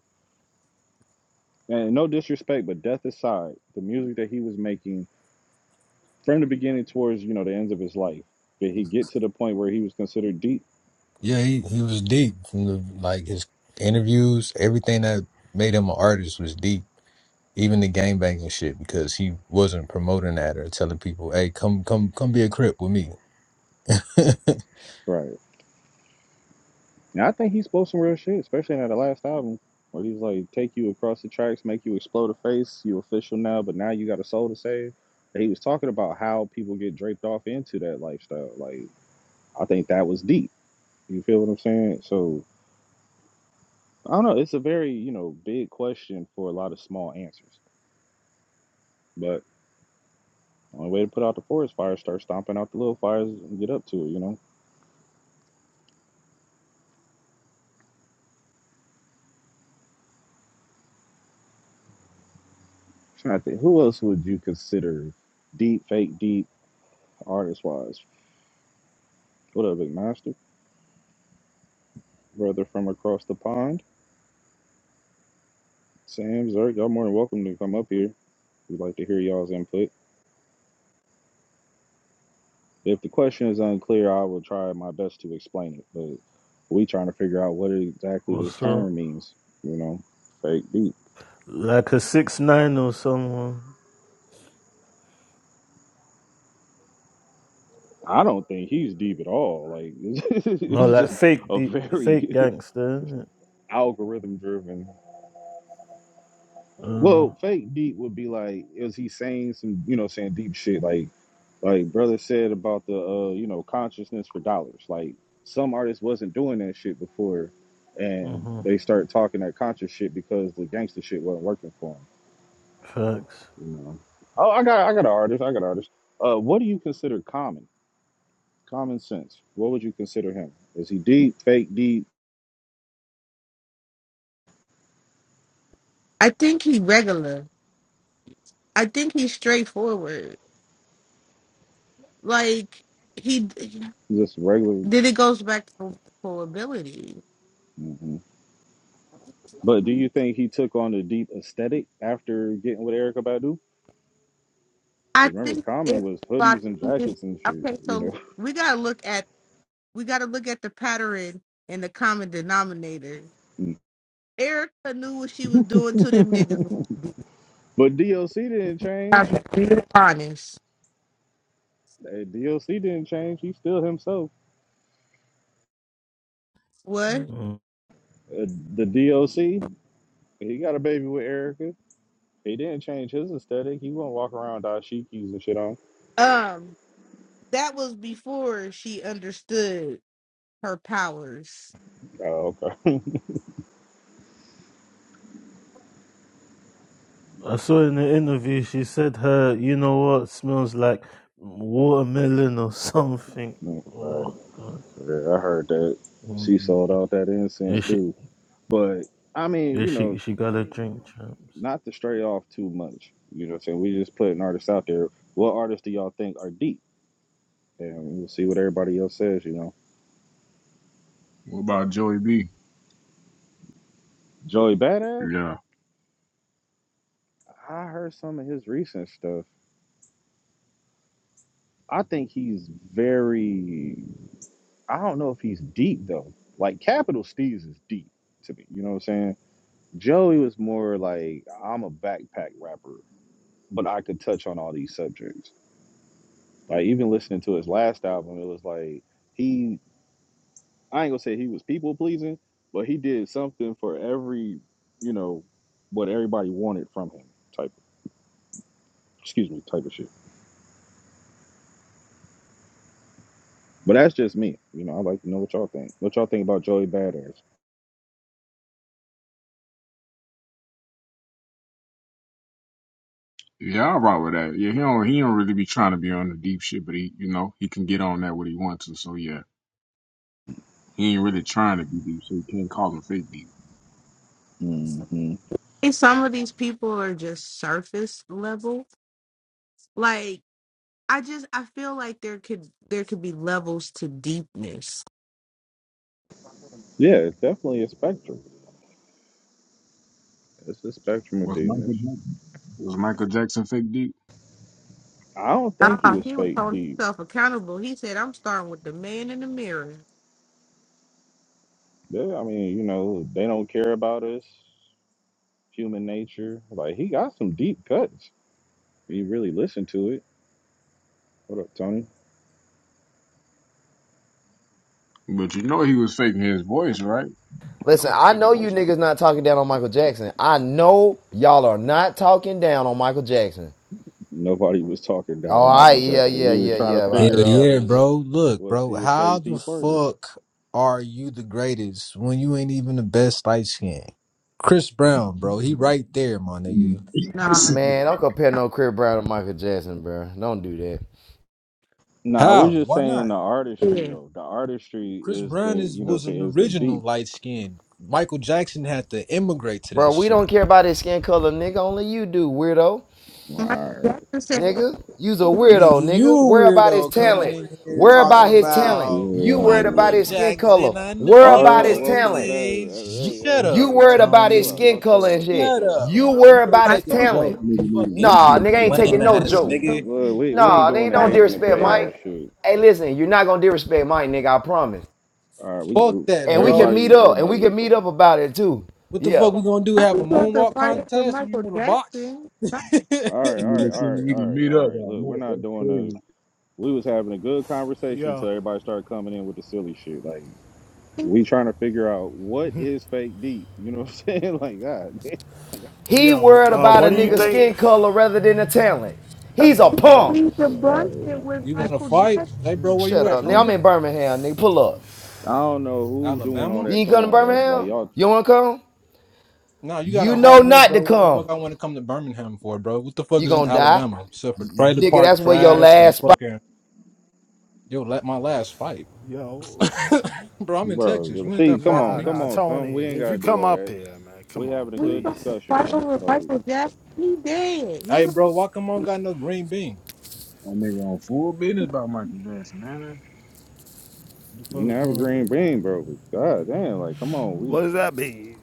S1: and no disrespect, but death aside, the music that he was making from the beginning towards you know the ends of his life, did he get to the point where he was considered deep?
S6: Yeah, he, he was deep from the like his interviews, everything that made him an artist was deep. Even the gang banging shit because he wasn't promoting that or telling people, "Hey, come come come be a crip with me."
S1: Right. And I think he spoke some real shit, especially in that last album where he was like, take you across the tracks, make you explode a face, you official now, but now you got a soul to save. And he was talking about how people get draped off into that lifestyle. Like I think that was deep. You feel what I'm saying? So I don't know. It's a very you know big question for a lot of small answers, but. Only way to put out the forest fire is start stomping out the little fires and get up to it, you know? Trying to think, who else would you consider deep, fake, deep, artist wise? What up, big master? Brother from across the pond, Sam Zerk, y'all more than welcome to come up here. We'd like to hear y'all's input. If the question is unclear, I will try my best to explain it, but we trying to figure out what exactly this
S8: What's up?
S1: term means, you know? Fake deep.
S8: Like a six nine or someone.
S1: I don't think he's deep at all. Like
S8: No,
S1: he's
S8: like
S1: just
S8: fake
S1: a
S8: the fake
S1: very
S8: gangster. innit?
S1: algorithm driven. Well,
S8: Um,
S1: fake deep would be like, is he saying some, you know, saying deep shit like, like brother said about the, uh, you know, consciousness for dollars. Like some artists wasn't doing that shit before, and
S8: hmm
S1: they started talking that conscious shit because the gangster shit wasn't working for
S8: Facts.
S1: them. You know. Oh, I got, I got an artist. I got an artist. Uh, what do you consider common, common sense? What would you consider him? Is he deep, fake deep,
S2: I think he regular. I think he's straightforward. Like he
S1: just regular?
S2: then it goes back to full ability.
S1: Mm-hmm. But do you think he took on a deep aesthetic after getting with Erica Badu?
S2: I
S1: Because remember,
S2: think
S1: Common
S2: it's
S1: was
S2: about
S1: hoodies and
S2: it's-
S1: jackets and shit,
S2: okay. So
S1: you
S2: we gotta look at we gotta look at the pattern and the common denominator.
S1: know.
S2: Erica knew what she was doing to them niggas.
S1: but DLC didn't
S2: I'm
S1: change.
S2: being honest.
S1: Uh, DLC didn't change. He's still himself.
S2: What?
S8: Mhm.
S1: Uh, the DLC, he got a baby with Erica. He didn't change his aesthetic. He won't walk around with dashikis and shit on.
S2: Um, that was before she understood her powers.
S1: Oh, okay.
S8: I saw in the interview she said her, you know what, smells like watermelon or something.
S1: All
S8: Oh
S1: right.
S8: God.
S1: Yeah, I heard that. She
S8: Mm,
S1: sold out that
S8: Yeah,
S1: incense
S8: she,
S1: too. But I mean,
S8: yeah,
S1: you know,
S8: she, she got a drink, champs.
S1: not to stray off too much. You know what I'm saying? We just putting artists out there. What artists do y'all think are deep? And we'll see what everybody else says, you know.
S3: What about Joey B?
S1: Joey Badass,
S3: Yeah,
S1: I heard some of his recent stuff. I think he's very I don't know if he's deep though. Like Capital Steez is deep to me. You know what I'm saying? Joey was more like I'm a backpack rapper, but I could touch on all these subjects. Like even listening to his last album, it was like he I ain't gonna say he was people pleasing, but he did something for every, you know, what everybody wanted from him type. Excuse me, type of shit. But that's just me. You know, I like to know what y'all think. What y'all think about Joey Badass?
S3: yeah, I rock with that. Yeah, he don't he don't really be trying to be on the deep shit, but he you know he can get on that what he wants to. So yeah, he ain't really trying to be deep, so you can't call him fake deep.
S1: hmm
S2: think some of these people are just surface level. Like I just I feel like there could there could be levels to deepness.
S1: Yeah, it's definitely a spectrum. It's a spectrum of
S3: Was Michael
S1: deepness.
S3: Jackson, was Michael Jackson fake deep?
S1: I don't think he
S2: Ah,
S1: was
S2: he was
S1: fake
S2: holding
S1: deep.
S2: himself accountable. He said, "I'm starting with the man in the mirror."
S1: Yeah, I mean, you know, they don't care about us, human nature. Like he got some deep cuts. He really listened to it. What up, Tony?
S3: But you know he was faking his voice, right?
S9: Listen, I know you niggas not talking down on Michael Jackson. I know y'all are not talking down on Michael Jackson.
S1: Nobody was talking down
S9: All
S1: on
S9: right,
S1: Michael
S9: yeah,
S1: Jackson.
S9: yeah,
S1: We were
S9: yeah,
S1: trying
S9: yeah,
S1: to
S6: Yeah,
S9: right,
S1: figure
S9: yeah,
S1: out
S6: yeah,
S1: the
S9: yeah.
S6: bro. Look,
S1: was
S6: bro,
S1: he a
S6: how
S1: fake
S6: the
S1: deep artist?
S6: fuck are you the greatest when you ain't even the best light skin? Chris Brown, bro, he right there, my
S3: Mm.
S6: nigga.
S2: Nah,
S3: nigga
S9: Man, don't compare no Chris Brown to Michael Jackson, bro. Don't do that,
S1: Nah, we're
S6: How?
S1: just
S6: Why
S1: saying
S6: not?
S1: the artistry
S2: yeah.
S1: though. The artistry
S6: Chris
S1: is the
S6: Brown is
S1: you know
S6: was
S1: say
S6: an
S1: is it
S6: original
S1: deep?
S6: light skin. Michael Jackson had to immigrate to that
S9: bro. We don't
S6: shit.
S9: care about his skin color, nigga. Only you do, weirdo,
S1: All
S2: Michael
S1: right,
S2: Jackson said,
S9: nigga. You's a weirdo,
S6: Nigga, you
S9: nigga.
S6: a
S9: Worry about his
S6: weirdo coming
S9: talent.
S6: in here
S9: Worry
S6: talking
S9: about his
S1: no,
S9: talent.
S6: about
S9: You
S1: yeah, I
S9: worried
S6: Michael
S9: about
S1: knew.
S9: his skin color.
S6: Jackson. I know
S9: Worry
S1: All
S6: you
S9: about
S1: right,
S9: his
S6: niggas
S1: welcome
S9: talent.
S1: back.
S6: ain't.
S9: You
S1: Hey,
S6: Shut
S1: hey,
S9: you
S1: hey,
S6: up,
S9: worried
S1: y'all,
S9: about his
S1: chill out,
S6: Tony.
S9: skin
S1: y'all, chill
S9: color and
S1: out, y'all,
S6: Shut
S9: shit.
S1: chill out.
S6: up,
S1: Come
S9: You
S1: on.
S6: bro. You
S9: worried
S6: can't
S9: about his
S6: take a
S2: "Michael
S9: talent.
S6: joke.
S3: need a this
S9: Nah,
S6: Fucking
S3: nigga
S9: nigga ain't
S1: All
S6: lame
S9: taking
S1: right,
S9: no
S1: w-
S6: ass
S9: joke.
S2: was
S6: nigga.
S1: look,
S3: can't-
S1: we we ain't
S9: Nah,
S1: doing
S9: nigga
S1: the
S9: don't
S2: black
S1: age and the
S2: and
S9: disrespect
S2: white."
S1: chaos
S9: Mike.
S1: shit.
S9: Hey, listen, you're not gonna disrespect Mike, nigga. I promise.
S1: All right, we,
S6: Fuck
S1: we
S6: that,
S9: And we can
S6: bro.
S9: meet
S1: everybody,
S9: up, and we can
S1: everybody, come
S9: meet
S1: on.
S9: up about it too.
S6: What the
S9: Yeah.
S6: fuck we gonna do?
S2: I
S6: Have
S2: was
S6: a
S2: going to
S6: moonwalk
S2: fight for
S6: contest if you
S2: Michael
S6: wanna box?
S2: Jackson? I
S1: All right, all
S6: you
S3: Nigga
S1: right,
S3: said
S1: all right,
S3: we
S1: all
S3: can
S1: right,
S3: meet
S1: all
S3: up
S1: right.
S3: all
S1: Look, we're
S3: night.
S1: not
S3: That's
S1: doing
S3: crazy.
S1: the. we was having a good conversation
S10: Yo,
S1: till everybody started coming in with the silly shit. Like
S2: think
S1: we trying to figure out what is fake deep. You know what I'm saying? Like God, damn,
S9: He
S10: yo,
S9: worried
S10: uh,
S9: about a
S10: what do you
S9: nigga's
S10: think?
S9: skin color rather than the talent. He's a
S10: Yo,
S9: punk.
S2: we
S1: Jesus,
S2: the
S1: Christ. all
S2: bunch
S1: right.
S2: it with
S6: wanna
S2: Michael
S6: fight?
S2: Jackson.
S6: Hey bro, where you
S9: Shut
S6: at,
S9: up,
S2: We
S9: nigga. I'm
S6: Tony?
S2: the
S9: in Birmingham, nigga. Pull up.
S1: I don't know who doing all
S6: Alabama?
S9: You
S1: that.
S9: ain't
S1: Come
S9: come to
S1: on, bro. Like
S9: Birmingham?
S1: y'all, tr-
S9: You wanna come?
S6: No, you got it
S9: You know
S6: hard enough,
S9: not to
S6: bro. What the fuck
S9: come.
S6: I want to come to Birmingham for, bro? What the fuck
S9: You
S6: is in
S9: gonna die.
S6: Alabama? Except for trailer
S9: Nigga,
S6: park
S9: that's where your
S6: trash and
S9: last spot.
S6: fucking yo, let my last fight.
S10: yo,
S6: bro, I'm in
S1: bro.
S6: Texas.
S1: you-
S6: You ain't
S1: See,
S6: that
S1: come
S6: far from
S10: nah,
S1: on,
S6: me.
S1: come
S10: nah,
S1: on,
S10: Tony,
S1: son. We ain't
S10: if you
S1: gotta do
S10: come
S1: all
S10: up
S1: that.
S10: here, man,
S1: We
S10: come on,
S1: having a
S2: we
S1: good
S10: please.
S2: don't
S1: discussion,
S2: fight
S1: man.
S2: over
S1: Like
S2: Michael Jackson. He dead. He.
S6: Hey bro, why come on got no green bean?
S3: That nigga on full business about Michael Jackson, man.
S6: The
S1: you
S6: fuck's
S1: never
S6: going on?
S1: green bean, bro. But God damn, like come on, we
S10: What does that mean?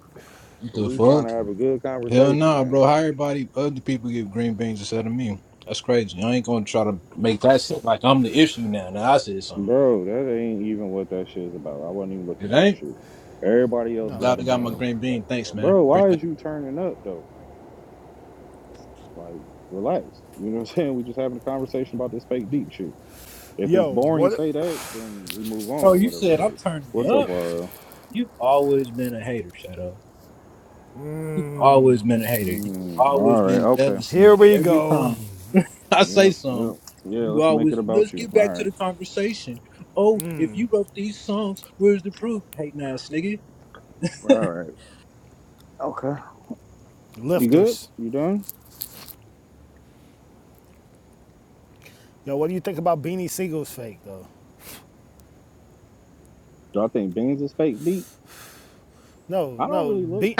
S6: What The
S1: we trying to
S6: fuck?
S1: have a good
S6: Hell
S1: conversation,
S6: nah,
S1: man.
S6: bro. How everybody other people give green beans instead of me? That's crazy. I ain't gonna try to make that shit like I'm the issue now. Now I said something.
S1: Bro, that ain't even what that shit is about. I wasn't even
S6: It
S1: looking at the
S6: ain't.
S1: shit. Everybody else
S10: No,
S1: got
S6: Glad
S1: a
S6: I got my
S10: bro.
S1: bean.
S6: green bean.
S1: Like,
S6: Thanks, man.
S1: bro, why
S6: Appreciate it.
S1: is you turning up though? Like, relax. You know what I'm saying? We just having a conversation about this fake deep shit. If it's
S10: Yo,
S1: boring,
S10: what?
S1: say that, then we move
S6: Bro,
S1: on or
S6: you
S1: whatever.
S6: said I'm
S1: But
S6: turning
S1: what's
S6: up.
S10: Yeah.
S1: up, RL?
S6: You've always been a hater, Shadow. You've
S10: Mm,
S6: always been a hater. You've
S1: Mm,
S6: always
S1: all right,
S6: been
S1: okay.
S6: jealous of
S10: here
S6: me.
S10: we
S6: Every
S10: go.
S6: time I say
S1: Yep, yep,
S6: something,
S1: yeah.
S6: you
S1: Let's make it
S6: always
S1: about
S6: let's
S1: you.
S6: get
S1: All
S6: back to
S1: right,
S6: the conversation. Oh, if
S10: Mm,
S6: you wrote these songs, where's the proof? Hating ass nigga.
S1: all right, okay. You good?
S10: lifters.
S1: You done?
S10: Yo, what do you think about Beanie Siegel's fake though?
S1: Do I think beans is fake deep?
S10: No,
S1: I don't
S10: no,
S1: really look.
S10: Be-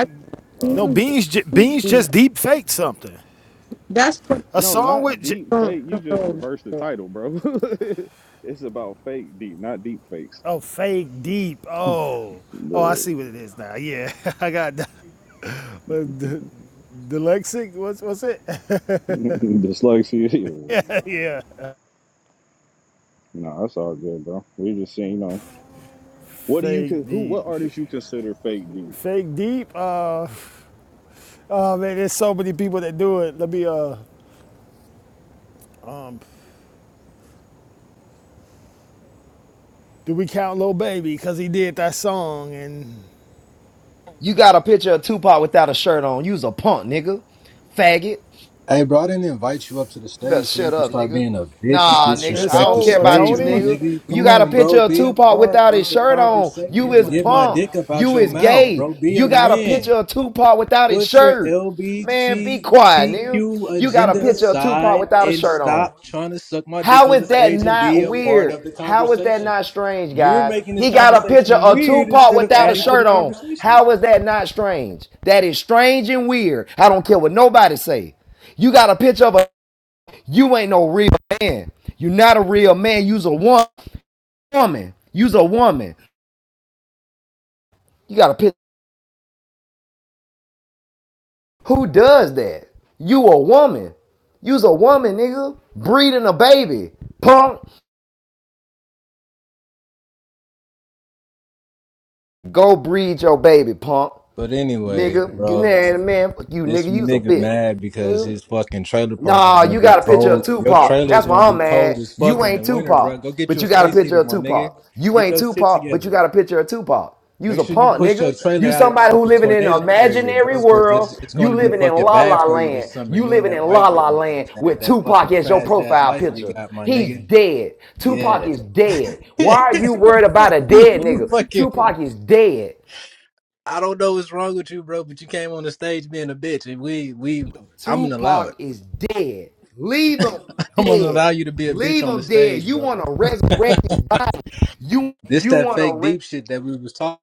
S1: uh,
S10: no,
S2: Mm-hmm.
S10: Beans, j- Beans
S2: Mm-hmm.
S10: just deep faked something.
S2: That's what's
S10: A
S1: No,
S10: song with,
S1: not
S10: j-
S1: deep
S2: going
S1: fake. You just
S2: on.
S1: reversed the title, bro. it's about fake deep, not deep fakes.
S10: oh, fake deep. Oh, oh, I
S1: The
S10: see what it is now. Yeah, I got. that. Uh, d- Dyslexic, what's what's it?
S1: dyslexia.
S10: yeah,
S1: No, that's all good, bro. We just saying, you know, what do you
S10: fake
S1: con- who
S10: deep,
S1: what artists you consider fake deep?
S10: fake deep. Uh, oh man, there's so many people that do it. Let me uh, um, do we count Lil Baby because he did that song and
S9: You got a picture of Tupac without a shirt on. You's a punk, nigga. Faggot.
S6: Hey, bro, I didn't invite you up to the
S9: You better
S6: stage so
S9: shut
S6: you can
S9: up,
S6: start
S9: nigga.
S6: being a bitch and
S9: Nah, nigga. I
S10: it's
S6: disrespect
S9: don't
S6: the
S9: care
S10: over,
S9: about you,
S6: stage, my
S10: Tony.
S9: nigga.
S6: nigga.
S9: You
S6: Come
S9: got a
S6: on,
S9: picture
S6: bro.
S9: of
S6: Be a
S9: Tupac
S6: part
S9: without
S6: of
S9: his
S6: the
S9: shirt on.
S6: conversation
S9: You
S6: and
S9: is
S6: get my
S9: punk.
S6: dick up out
S9: You
S6: your
S9: is
S6: mouth,
S9: gay.
S6: bro. Be
S9: You
S6: a
S9: got a
S6: man.
S9: picture of Tupac without his
S6: Put your
S9: shirt. Man, be quiet, nigga.
S6: LBGTQ
S9: You got a
S6: agenda
S9: picture of Tupac
S6: aside
S9: without a
S6: and
S9: shirt on.
S6: stop trying to suck my dick
S9: How
S6: on
S9: is
S6: the
S9: that
S6: stage and be
S9: not
S6: a part of the
S9: weird? How is that
S6: conversation.
S9: not strange,
S6: You're
S9: guys?
S6: making
S9: He
S6: this
S9: got a picture
S6: conversation
S9: of
S6: weird
S9: Tupac
S6: instead of
S9: without a
S6: adding to the
S9: shirt on.
S6: conversation.
S9: How is that not strange? That is strange and weird. I don't care what nobody say. You got a picture of a you ain't no real man. You're not a real man. You's a wo- woman. You's a woman. You got a picture. Who does that? You a woman. You's a woman, nigga. Breeding a baby. Punk. Go breed your baby, punk.
S6: But anyway,
S9: Nigga, get in
S6: bro,
S9: there, man. Fuck you,
S6: this
S9: nigga. You's a
S6: nigga
S9: bitch.
S6: mad because
S9: Nigga.
S6: his fucking trailer park is
S9: Nah,
S6: gonna
S9: you
S6: be
S9: got a picture of
S6: cold. Your
S9: Tupac.
S6: trailer is
S9: That's
S6: gonna
S9: why I'm
S6: be cold
S9: mad.
S6: as fuck
S9: You
S6: in
S9: ain't
S6: the winter, bro.
S9: Tupac,
S6: Go get
S9: but
S6: you a
S9: you got a
S6: space
S9: picture
S6: heater,
S9: of
S6: my nigga.
S9: Tupac. You
S6: Get
S9: ain't
S6: those shit
S9: Tupac, but
S6: together.
S9: you got a picture of Tupac. You's
S6: Make
S9: a
S6: sure you
S9: punk,
S6: push your
S9: nigga.
S6: trailer
S9: You
S6: out of the
S9: somebody who
S6: fucking
S9: living in
S6: tornado
S9: an
S6: area,
S9: imaginary
S6: bro, because
S9: world.
S6: this it's going
S9: You
S6: to be
S9: living in
S6: fucking
S9: La
S6: bad
S9: La
S6: for you
S9: Land.
S6: this summer.
S9: You
S6: You and
S9: living
S6: that
S9: in
S6: white
S9: La La
S6: girl,
S9: Land
S6: that
S9: with
S6: that fucking
S9: Tupac as your
S6: trash ass
S9: profile
S6: life you
S9: picture.
S6: got, my
S9: He's
S6: nigga.
S9: dead. Tupac
S6: Yeah,
S9: is dead.
S6: you
S9: Why are you worried about a dead nigga?
S6: fucking.
S9: Tupac is dead.
S6: I don't know what's wrong with you, bro, but you came on the stage being a bitch, and we we I'm gonna allow it.
S9: Tupac is dead. Leave him
S6: I'm gonna
S9: dead.
S6: allow you to be a bitch
S9: Leave
S6: on the
S9: him dead.
S6: stage,
S9: You
S6: bro.
S9: want to resurrect his body. You
S6: This
S9: you
S6: that
S9: want
S6: fake
S9: to
S6: deep shit that we was talking.